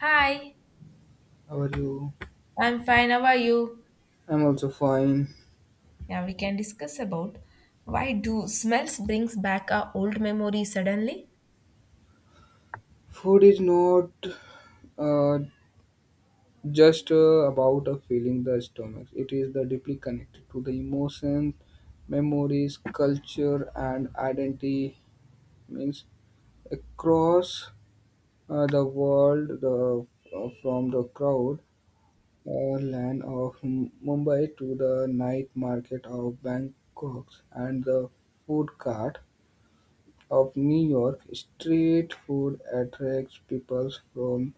Hi, How are you? I'm fine. How are you? I'm also fine. Yeah, we can discuss about why do smells brings back our old memory suddenly? Food is not uh, just about a feeling the stomach. It is the deeply connected to the emotions, memories, culture, and identity. Means across the world, the from the crowd land of Mumbai to the night market of Bangkok and the food cart of New York, street food attracts people from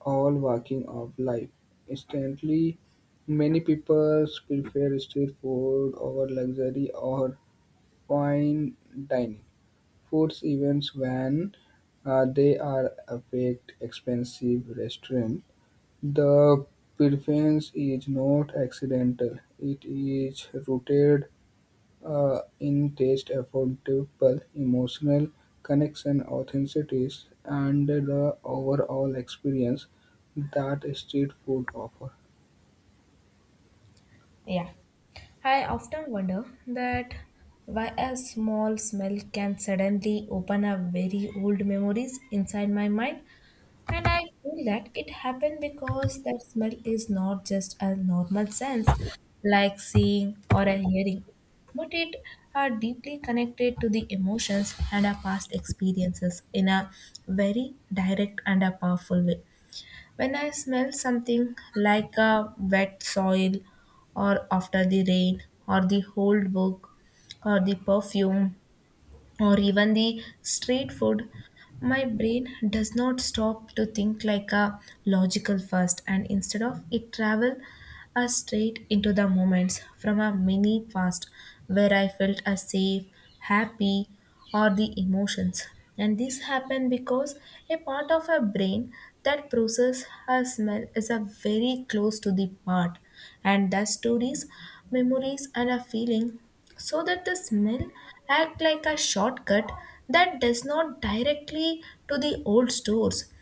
all walking of life. Instantly, many people prefer street food over luxury or fine dining foods events when they are affect expensive restaurant. The preference is not accidental; it is rooted in taste, affordable, emotional connection, authenticity, and the overall experience that street food offer. Yeah. I often wonder that why a small smell can suddenly open up very old memories inside my mind. And I feel that it happened because that smell is not just a normal sense like seeing or a hearing, but it are deeply connected to the emotions and our past experiences in a very direct and a powerful way. When I smell something like a wet soil or after the rain or the old book or the perfume or even the street food, my brain does not stop to think like a logical first and instead of it travel us straight into the moments from a mini past where I felt a safe, happy, or the emotions. And this happened because a part of our brain that process our smell is a very close to the part and the stories, memories and a feeling so that the smell act like a shortcut that does not directly to the old stores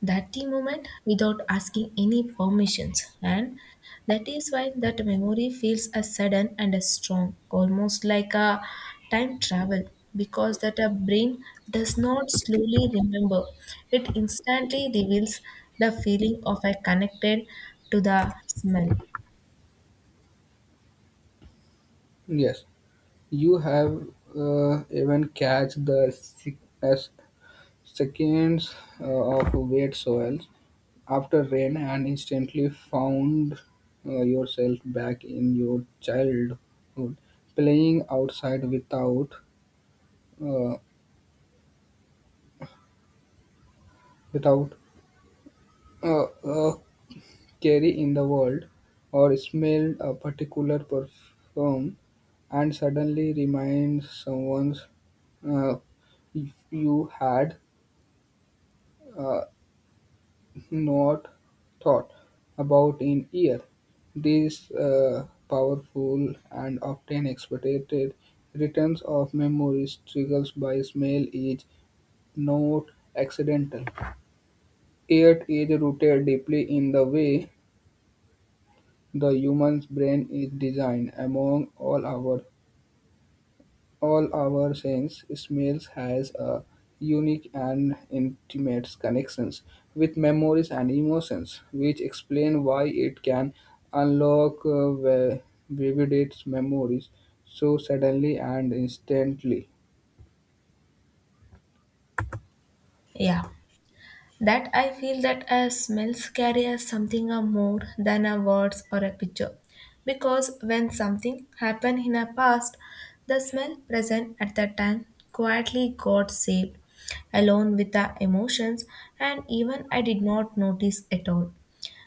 that the moment without asking any permissions and that is why that memory feels as sudden and as strong almost like a time travel because that a brain does not slowly remember it instantly reveals the feeling of a connected to the smell. Yes, you have even catch the as seconds uh, of wet soils after rain and instantly found yourself back in your childhood, playing outside uh, without uh, uh, carry in the world, or smelled a particular perfume and suddenly remind someone uh, you had uh, not thought about in year. These powerful and often expected returns of memories triggers by smell is not accidental. It is rooted deeply in the way the human brain is designed, among all our senses, smells has a unique and intimate connections with memories and emotions, which explain why it can unlock vivid its memories so suddenly and instantly. Yeah. That I feel that a smells carry us something a more than a words or a picture. Because when something happened in a past, the smell present at that time quietly got saved, alone with the emotions, and even I did not notice at all.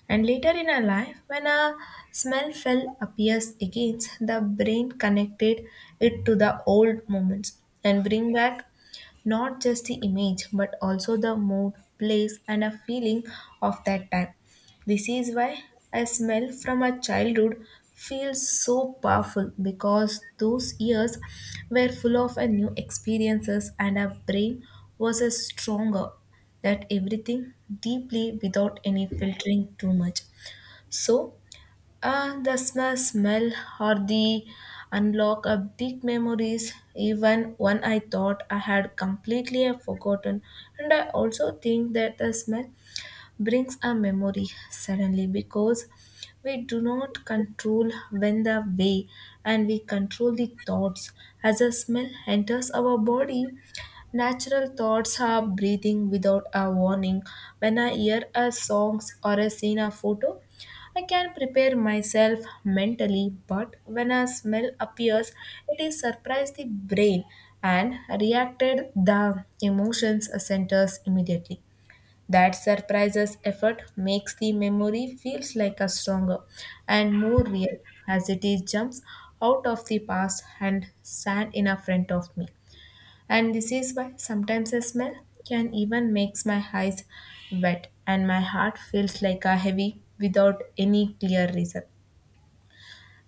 And later in our life, when a smell fell appears again, the brain connected it to the old moments and bring back not just the image, but also the mood, place, and a feeling of that time. This is why a smell from a childhood feels so powerful because those years were full of a new experiences and our brain was a stronger that everything deeply without any filtering too much. So the smell or the unlock of big memories, even one I thought I had completely forgotten. And I also think that the smell brings a memory suddenly because we do not control when the way and we control the thoughts as a smell enters our body, natural thoughts are breathing without a warning. When I hear a songs or a seen a photo, I can prepare myself mentally, but when a smell appears it is surprised the brain and reacted the emotions centers immediately. That surprises effort makes the memory feels like a stronger and more real as it is jumps out of the past and stand in a front of me. And this is why sometimes a smell can even makes my eyes wet and my heart feels like a heavy without any clear reason.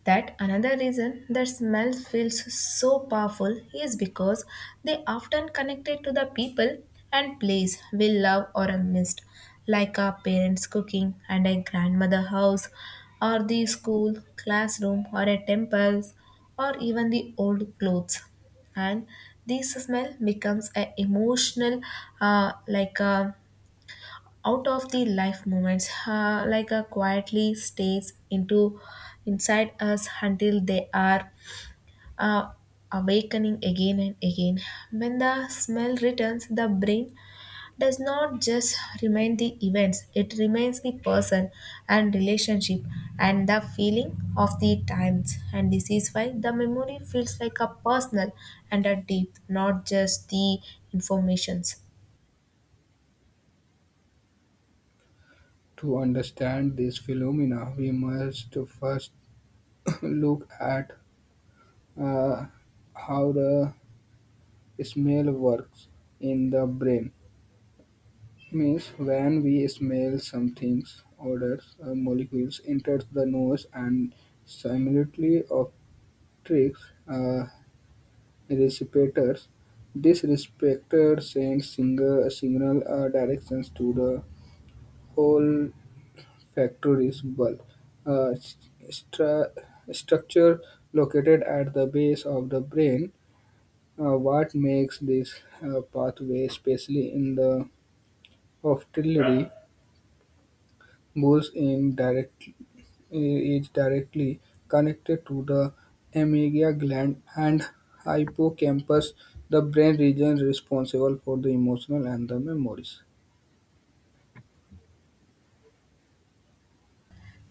That another reason that smell feels so powerful is because they often connected to the people and place we love or missed, like our parents' cooking and a grandmother house, or the school, classroom, or a temples, or even the old clothes. And this smell becomes an emotional, like a out of the life moments like a quietly stays into inside us until they are uh, awakening again and again. When the smell returns the brain does not just remind the events, it remains the person and relationship and the feeling of the times, and this is why the memory feels like a personal and a deep, not just the informations. To understand this phenomena, we must first look at uh, how the smell works in the brain. Means when we smell something, odors or molecules enters the nose and simultaneously obstructs a receptor. This receptor sends signal directions to the olfactory bulb, a stra- structure located at the base of the brain. What makes this pathway, especially in the olfactory Bulls in direct is directly connected to the amygdala gland and hippocampus, the brain region responsible for the emotional and the memories.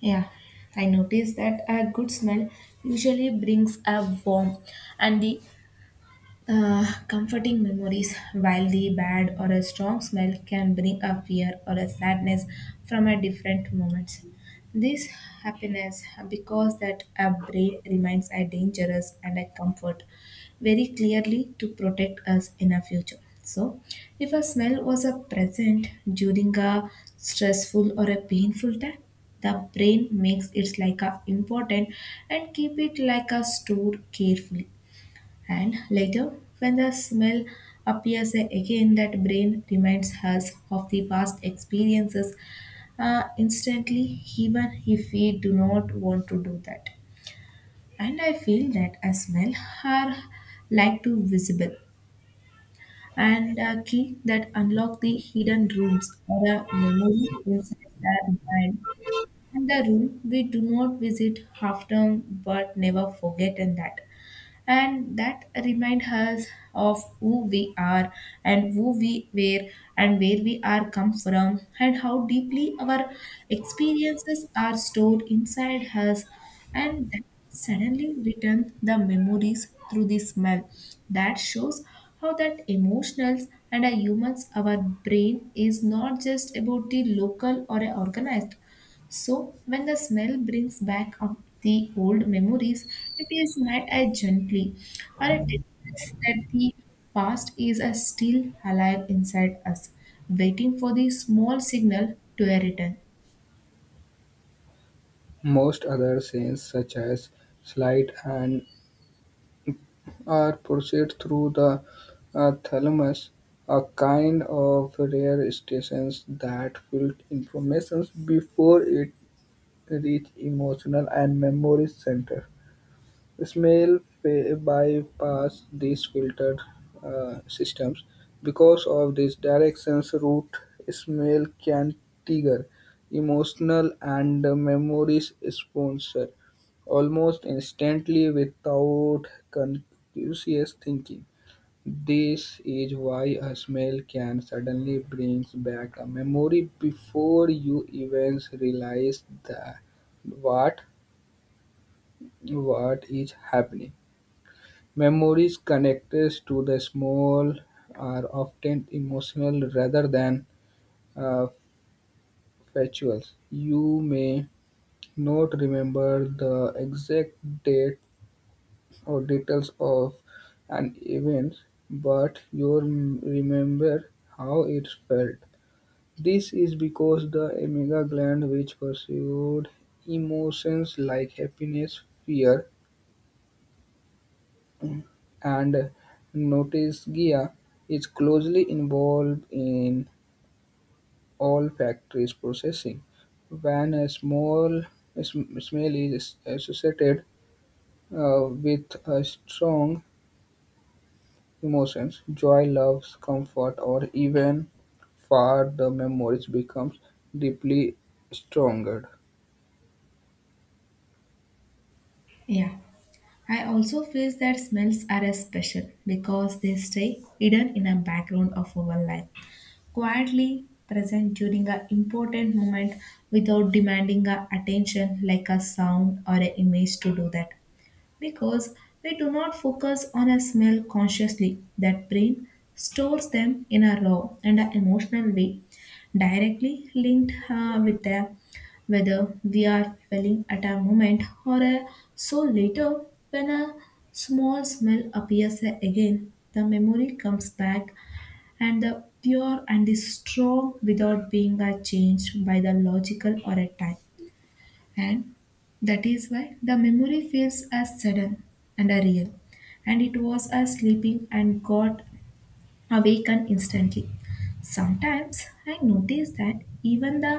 Yeah, I noticed that a good smell usually brings a warm, and the comforting memories, while the bad or a strong smell can bring a fear or a sadness from a different moments. This happiness because that a brain remains a dangerous and a comfort very clearly to protect us in a future. So, if a smell was a present during a stressful or a painful time, the brain makes it like a important and keep it like a stored carefully and later, when the smell appears again, that brain reminds us of the past experiences instantly, even if we do not want to do that. And I feel that a smell are like to visible and a key that unlock the hidden rooms or a memory inside our mind and the room we do not visit often but never forget in that and that remind us of who we are and who we were and where we are come from and how deeply our experiences are stored inside us, and that suddenly return the memories through the smell that shows how that emotionals and our humans our brain is not just about the local or a organized. So, when the smell brings back up the old memories, it is not as gently, or it tells us that the past is still alive inside us, waiting for the small signal to a return. Most other senses, such as sight and are processed through the thalamus, a kind of rare stations that filter information before it reaches emotional and memory center. Bypass these filtered systems. Because of this direction's route, smell can trigger emotional and memories sponsor almost instantly without conscious thinking. This is why a smell can suddenly bring back a memory before you even realize that what what is happening. Memories connected to the small are often emotional rather than uh, factual. You may not remember the exact date or details of an event, but you remember how it felt. This is because the amygdala gland, which pursued emotions like happiness, fear, and Notisgia is closely involved in all factories processing. When a smell is associated with a strong emotions, joy, love, comfort, or even far, the memories becomes deeply stronger. Yeah. I also feel that smells are a special because they stay hidden in a background of our life, quietly present during an important moment without demanding our attention like a sound or an image to do that. Because we do not focus on a smell consciously. That brain stores them in a raw and a emotional way, directly linked with the whether we are feeling at a moment or a so later when a small smell appears again, the memory comes back and the pure and the strong without being changed by the logical or a time, and that is why the memory feels as sudden and a real and it was as sleeping and got awakened instantly. Sometimes I notice that even the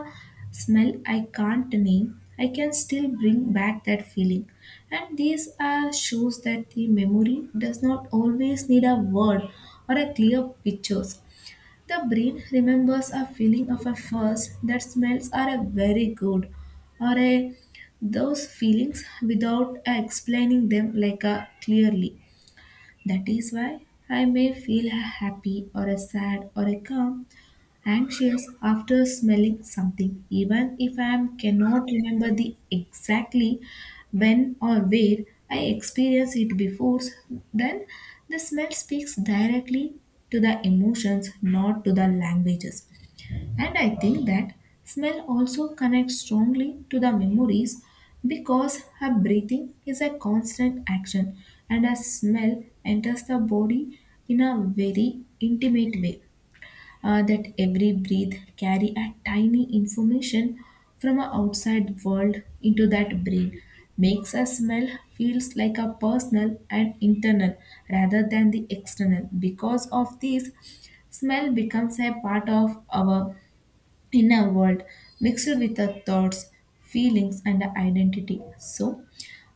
smell I can't name I can still bring back that feeling, and these are shows that the memory does not always need a word or a clear picture. The brain remembers a feeling of a first that smells are a very good or a those feelings without explaining them like a clearly. That is why I may feel a happy or a sad or a calm anxious after smelling something, even if I am cannot remember the exactly when or where I experienced it before, then the smell speaks directly to the emotions, not to the languages. And I think that smell also connects strongly to the memories because her breathing is a constant action and a smell enters the body in a very intimate way that every breath carry a tiny information from our outside world into that brain makes a smell feels like a personal and internal rather than the external. Because of this smell becomes a part of our inner world mixed with our thoughts, feelings and our identity, so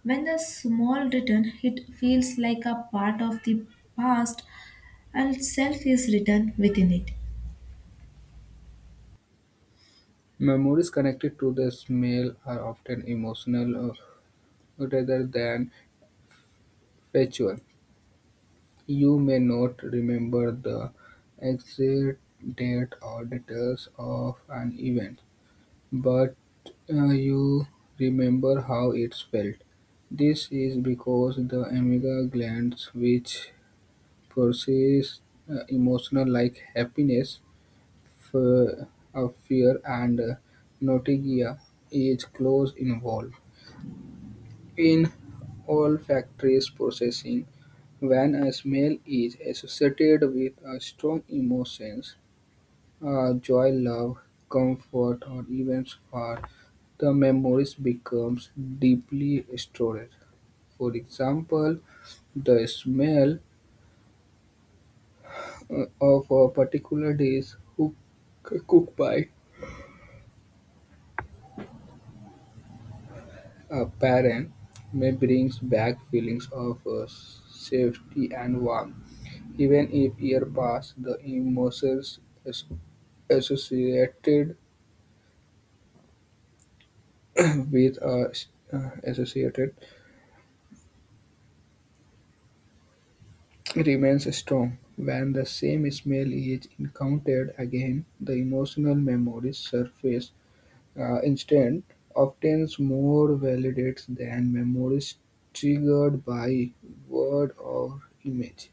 when the small written it feels like a part of the past and self is written within it. Memories connected to the smell are often emotional rather than factual. You may not remember the exact date or details of an event, but you remember how it felt. This is because the amygdala glands, which process emotional like happiness, fe- fear, and nausea, is close involved. In all factories processing, when a smell is associated with a strong emotion (joy, love, comfort, or even fear), the memory becomes deeply stored. For example, the smell of a particular dish cooked by a parent may brings back feelings of safety and warmth. Even if years pass, the emotions as- associated with a associated remains strong. When the same smell is encountered again, the emotional memories surface. Instant often more validates than memories triggered by word or image.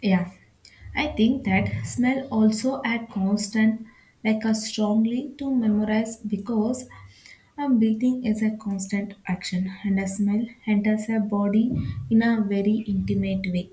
Yeah, I think that smell also add constant like a strongly to memorize because a breathing is a constant action and a smell enters a body in a very intimate way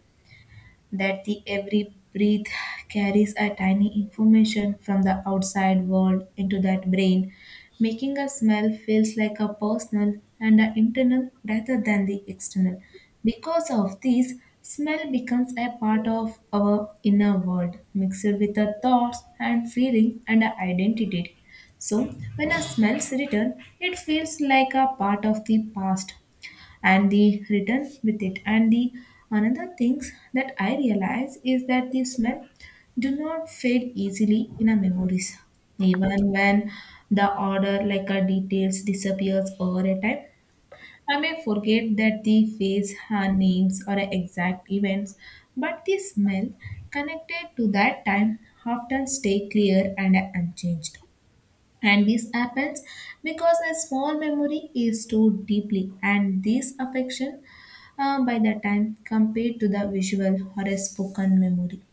that the every breath carries a tiny information from the outside world into that brain, making a smell feels like a personal and an internal rather than the external. Because of this smell becomes a part of our inner world mixed with our thoughts and feeling and our identity, so when a smells return it feels like a part of the past and the return with it, and the another things that I realize is that the smell do not fade easily in our memories even when the order like our details disappears over a time. I may forget that the face her names or exact events, but the smell connected to that time often stay clear and unchanged, and this happens because a small memory is stored deeply, and this affection by the time compared to the visual or a spoken memory.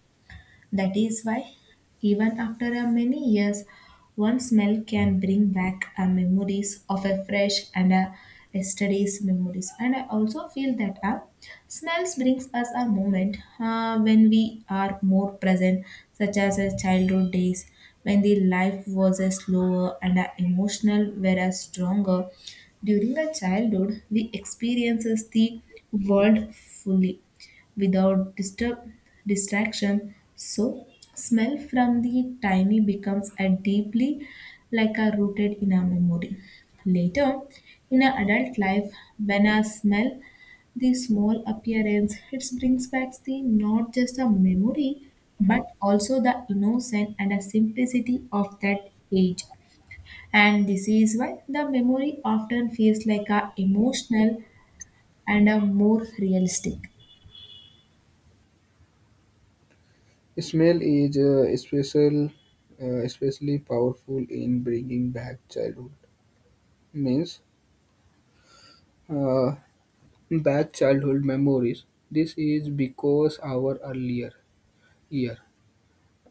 That is why, even after a many years, one smell can bring back a memories of a fresh and a yesterday's memories. And I also feel that smells brings us a moment when we are more present, such as a childhood days when the life was a slower and a emotional whereas stronger. During the childhood we experiences the world fully without disturb distraction, so smell from the tiny becomes a deeply like a rooted in our memory later in our adult life. When I smell the small appearance it brings back the not just a memory, but also the innocence and a simplicity of that age, and this is why the memory often feels like a emotional and a more realistic. Smell is especially powerful in bringing back childhood. Means uh, bad childhood memories. This is because our earlier year,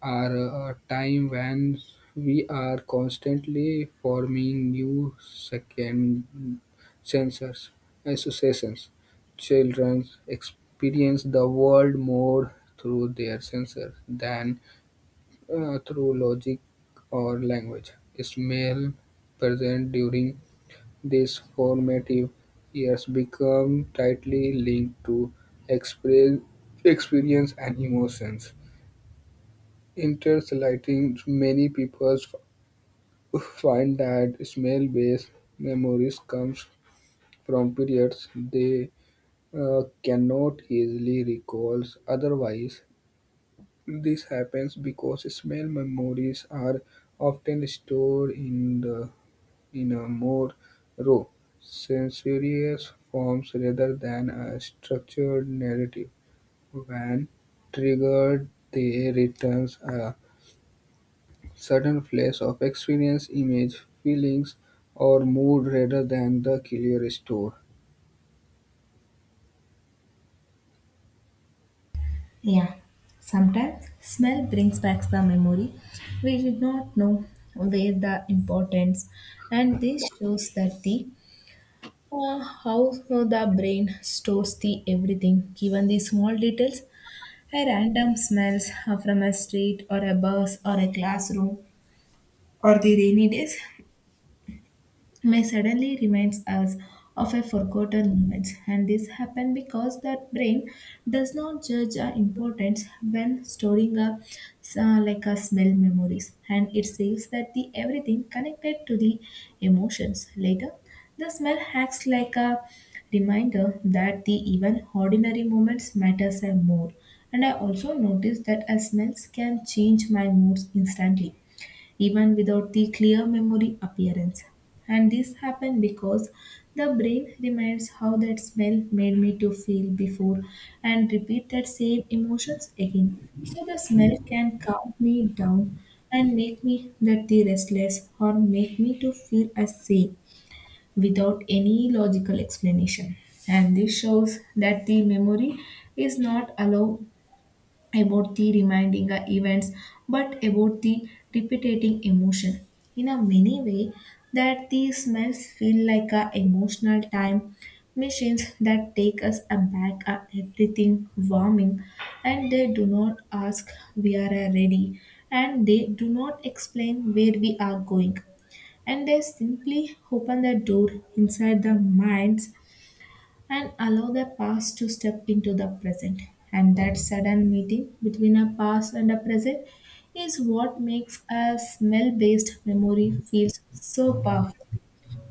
are a time when we are constantly forming new second sensors, associations. Children experience the world more through their senses than through logic or language. Smell present during these formative years become tightly linked to expre- experience and emotions. Interestingly, many people find that smell-based memories come from periods they cannot easily recall otherwise. This happens because smell memories are often stored in the in a more raw, sensuous forms, rather than a structured narrative. When triggered, they returns a certain place of experience, image, feelings, or mood rather than the clear store. Yeah, sometimes smell brings back the memory we did not know were the importance, and this shows that the how the brain stores the everything, even the small details. A random smells from a street or a bus or a classroom or the rainy days may suddenly reminds us of a forgotten moment, and this happens because that brain does not judge our importance when storing a like a smell memories, and it saves that the everything connected to the emotions later. The smell acts like a reminder that the even ordinary moments matters and more. And I also noticed that as smells can change my moods instantly even without the clear memory appearance. And this happened because the brain remembers how that smell made me to feel before and repeat that same emotions again. So the smell can calm me down and make me that the restless or make me to feel as safe without any logical explanation. And this shows that the memory is not allowed about the reminding the events but about the repeating emotion in a many way, that the smells feel like a emotional time machines that take us aback at everything warming, and they do not ask we are ready, and they do not explain where we are going, and they simply open the door inside the minds and allow the past to step into the present. And that sudden meeting between a past and a present is what makes a smell based memory feels so powerful.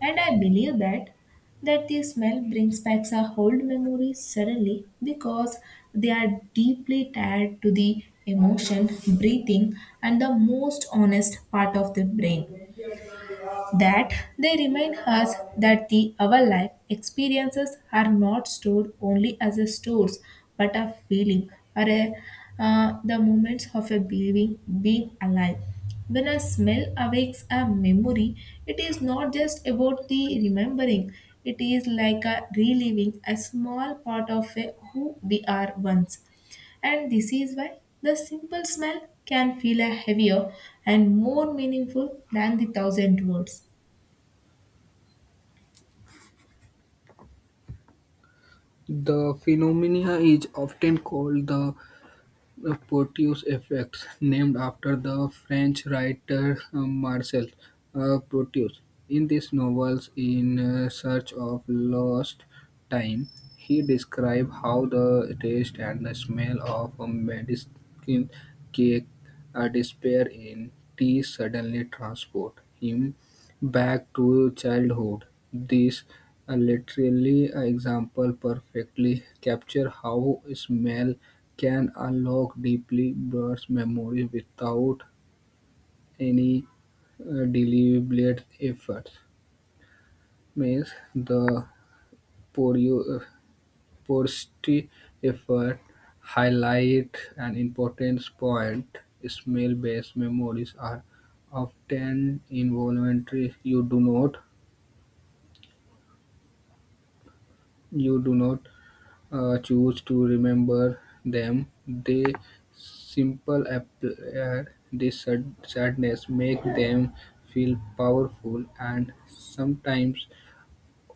And I believe that that the smell brings back our old memories suddenly because they are deeply tied to the emotion, breathing, and the most honest part of the brain, that they remind us that the our life experiences are not stored only as a stores but a feeling or a, the moments of a being alive. When a smell awakes a memory, it is not just about the remembering, it is like a reliving a small part of a who we are once. And this is why the simple smell can feel a heavier and more meaningful than the thousand words. The phenomena is often called the Proteus effect, named after the French writer Marcel Proteus. In these novels, In Search of Lost Time, he describes how the taste and the smell of a medicine cake despair in tea suddenly transport him back to childhood. This a literally example perfectly capture how smell can unlock deeply bruised memories without any deliberate effort. Means the poru- porosity effort highlight an important point. Smell-based memories are often involuntary. You do not choose to remember them. They simple appear this sadness make them feel powerful and sometimes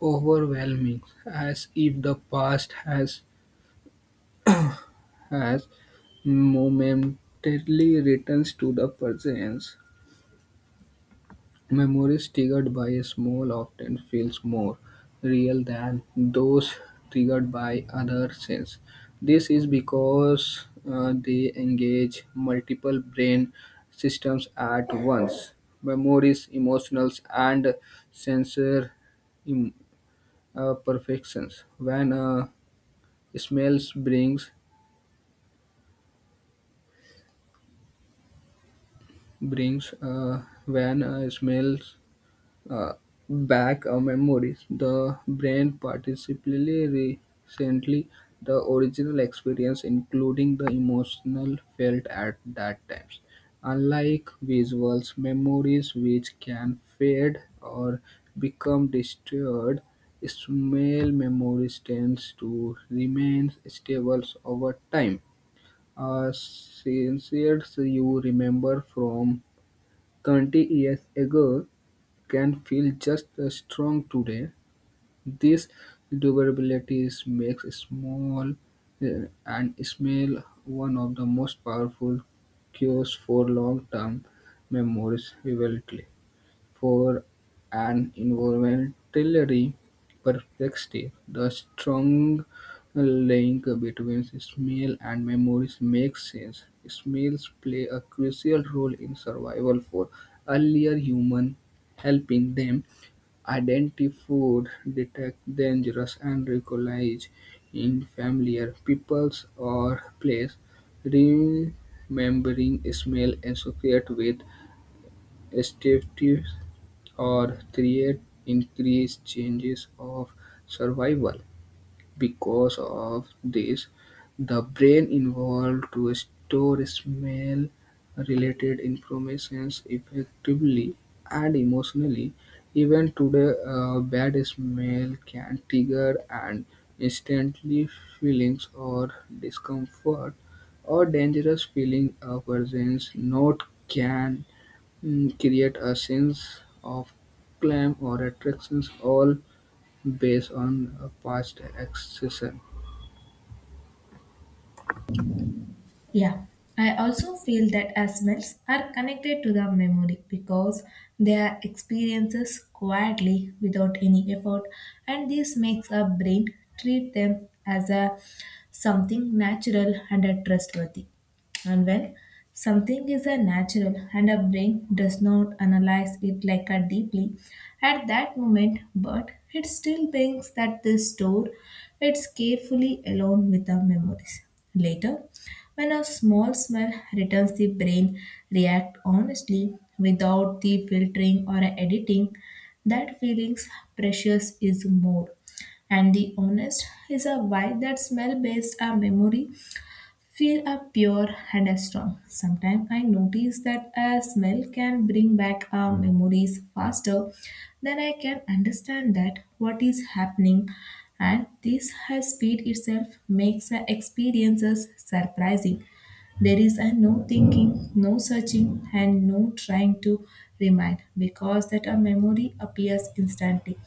overwhelming, as if the past has momentarily returns to the present. Memories triggered by a smell often feels more real than those triggered by other senses. This is because they engage multiple brain systems at once. Memories, emotionals, and sensor im- perfections. When a smells brings brings when a smells uh, back our memories. The brain, particularly recently the original experience, including the emotional felt at that times. Unlike visuals, memories which can fade or become distorted, smell memories tends to remain stable over time. Since you remember from 20 years ago, can feel just as strong today. This makes small uh, and smell one of the most powerful cures for long-term memories vividly. For an environmentally perspective, the strong link between smell and memories makes sense. Smells play a crucial role in survival for earlier human, helping them identify food, detect dangerous, and recognize in familiar peoples or place. Remembering smell associated with statistics or create increased chances of survival. Because of this, the brain involved to store smell-related informations effectively and emotionally. Even today, a bad smell can trigger an instantly feelings or discomfort or dangerous feeling. A person's note can create a sense of climb or attractions all based on past accession. Yeah, I also feel that our smells are connected to the memory because they are experiences quietly without any effort, and this makes our brain treat them as a something natural and a trustworthy. And when something is a natural and our brain does not analyze it like a deeply at that moment, but it still brings that this store it's carefully along with the memories. Later, when a small smell returns, the brain reacts honestly without the filtering or editing. That feeling's precious is more. And the honest is a why that smell based a memory feel are pure and are strong. Sometimes I notice that a smell can bring back our memories faster than I can understand that what is happening, and this high speed itself makes the experiences surprising. There is a no thinking, no searching and no trying to remind because that a memory appears instantly.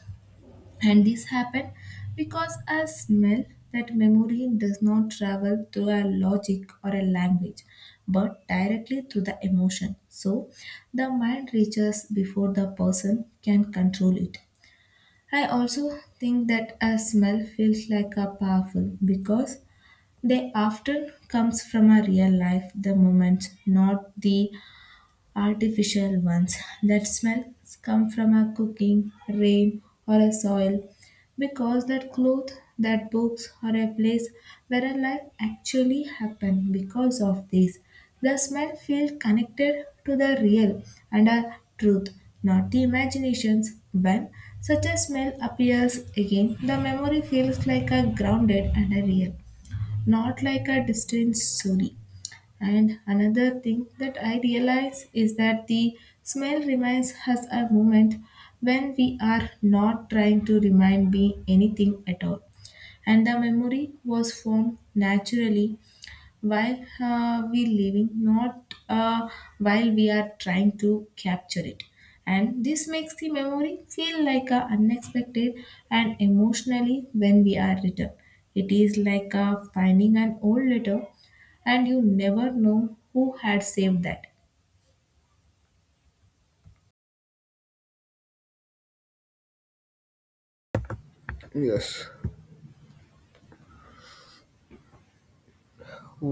And this happened because a smell, that memory does not travel through a logic or a language, but directly through the emotion. So the mind reaches before the person can control it. I also think that a smell feels like a powerful because they often comes from a real life, the moment, not the artificial ones. That smells come from a cooking, rain, or a soil, because that cloth, that books, or a place where a life actually happened. Because of this, the smell feels connected to the real and a truth, not the imaginations. When such a smell appears again, the memory feels like a grounded and a real, not like a distant story. And another thing that I realize is that the smell reminds us a moment when we are not trying to remind me anything at all. And the memory was formed naturally while we living, not while we are trying to capture it, and this makes the memory feel like a unexpected and emotionally when we are return. It is like finding an old letter, and you never know who had saved that. Yes,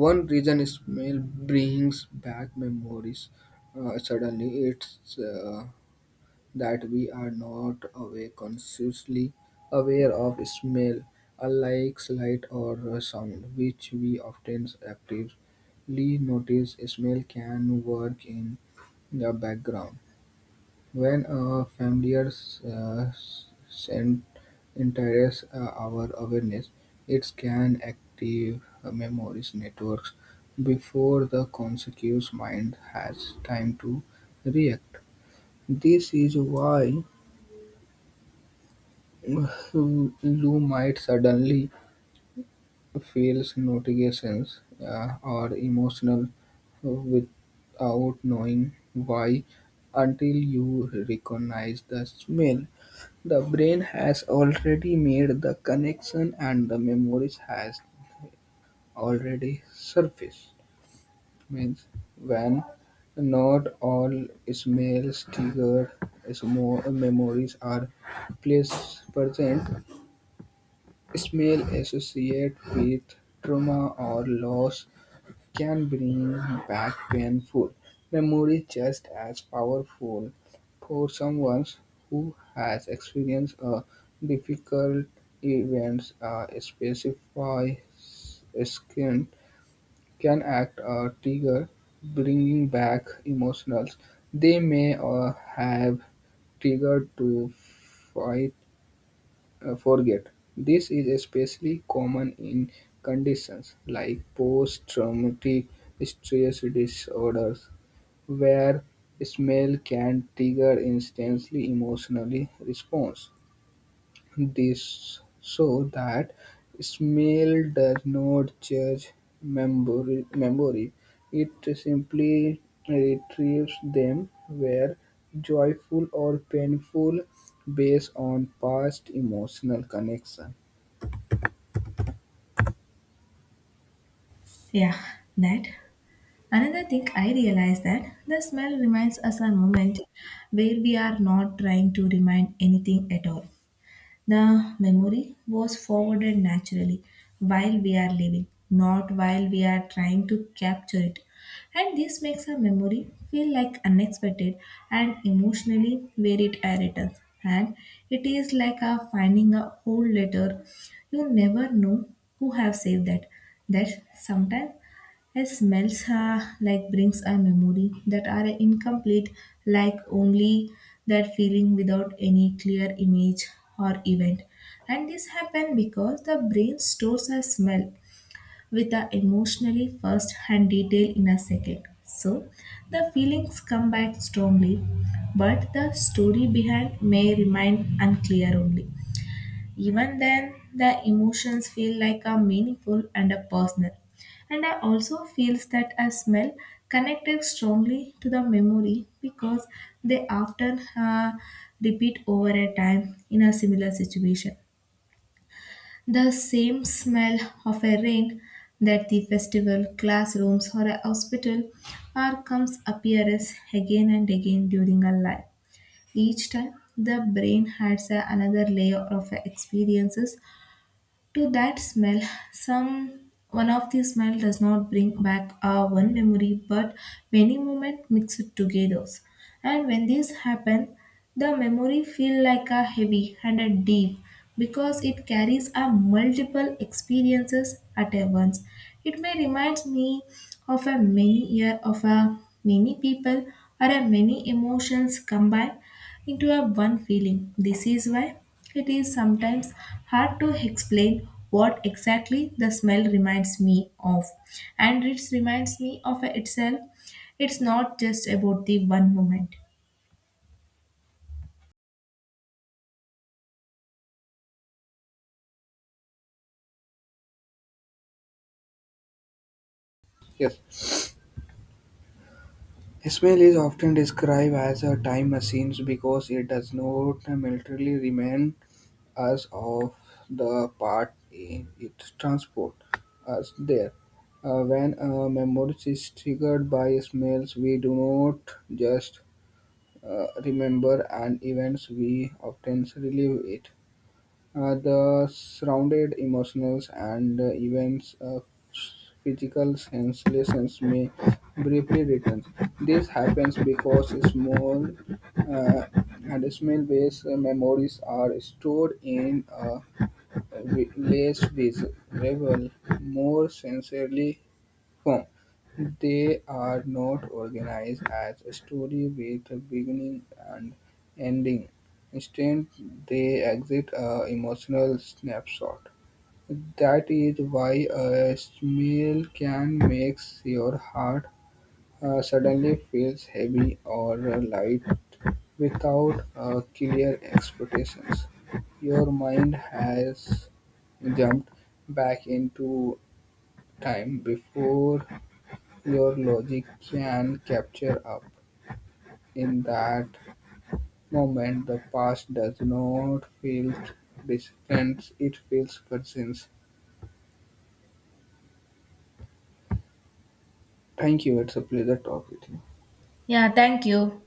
one reason is mail brings back memories. Suddenly, it's that we are not aware consciously aware of smell, unlike light or sound, which we often actively notice. Smell can work in the background. When a familiar uh, scent enters our awareness, it can activate memories networks before the conscious mind has time to react. This is why you might suddenly feel notifications or emotional without knowing why until you recognize the smell. The brain has already made the connection and the memory has already surfaced. Means when not all smells triggered memories are place present, smell associated with trauma or loss can bring back painful memories just as powerful for someone who has experienced a difficult event. A specific skin can act a trigger, bringing back emotions they may have triggered to fight forget. This is especially common in conditions like post traumatic stress disorders, where smell can trigger instantly emotionally response. This so that smell does not judge memory, memory. It Simply retrieves them where joyful or painful based on past emotional connection. Yeah, that. Another thing I realized that the smell reminds us a moment where we are not trying to remind anything at all. The memory was forwarded naturally while we are living, not while we are trying to capture it. And this makes a memory feel like unexpected and emotionally where it returns. And it is like a finding a old letter. You never know who have saved that. That sometimes a smells like brings a memory that are incomplete, like only that feeling without any clear image or event. And this happen because the brain stores a smell with a emotionally first hand detail in a second. So the feelings come back strongly, but the story behind may remain unclear only. Even then, the emotions feel like a meaningful and a personal. And I also feels that a smell connected strongly to the memory because they often repeat over a time in a similar situation. The same smell of a rain, that the festival, classrooms, or a hospital are comes appears again and again during our life. Each time, the brain adds another layer of experiences to that smell. Some one of the smell does not bring back our one memory but many moments mixed together, and when this happens the memory feel like a heavy and a deep because it carries a multiple experiences at a once. It may remind me of a many year of a many people or a many emotions combined into a one feeling. This is why it is sometimes hard to explain what exactly the smell reminds me of. And it reminds me of itself. It's not just about the one moment. Yes. Ismail is often described as a time machine because it does not militarily remind us of the part in it transport us there. When a memory is triggered by smells, we do not just remember an event, we often relive it. The surrounded emotions and events physical sensations may briefly return. This happens because small uh, and smell-based memories are stored in a less visible, more sensorily form. They are not organized as a story with a beginning and ending. Instead, they exit a emotional snapshot. That is why a smell can make your heart suddenly feels heavy or light without clear expectations. Your mind has jumped back into time before your logic can capture up. In that moment, the past does not feel distant, it feels present. Thank you. It's a pleasure talking with you. Yeah, thank you.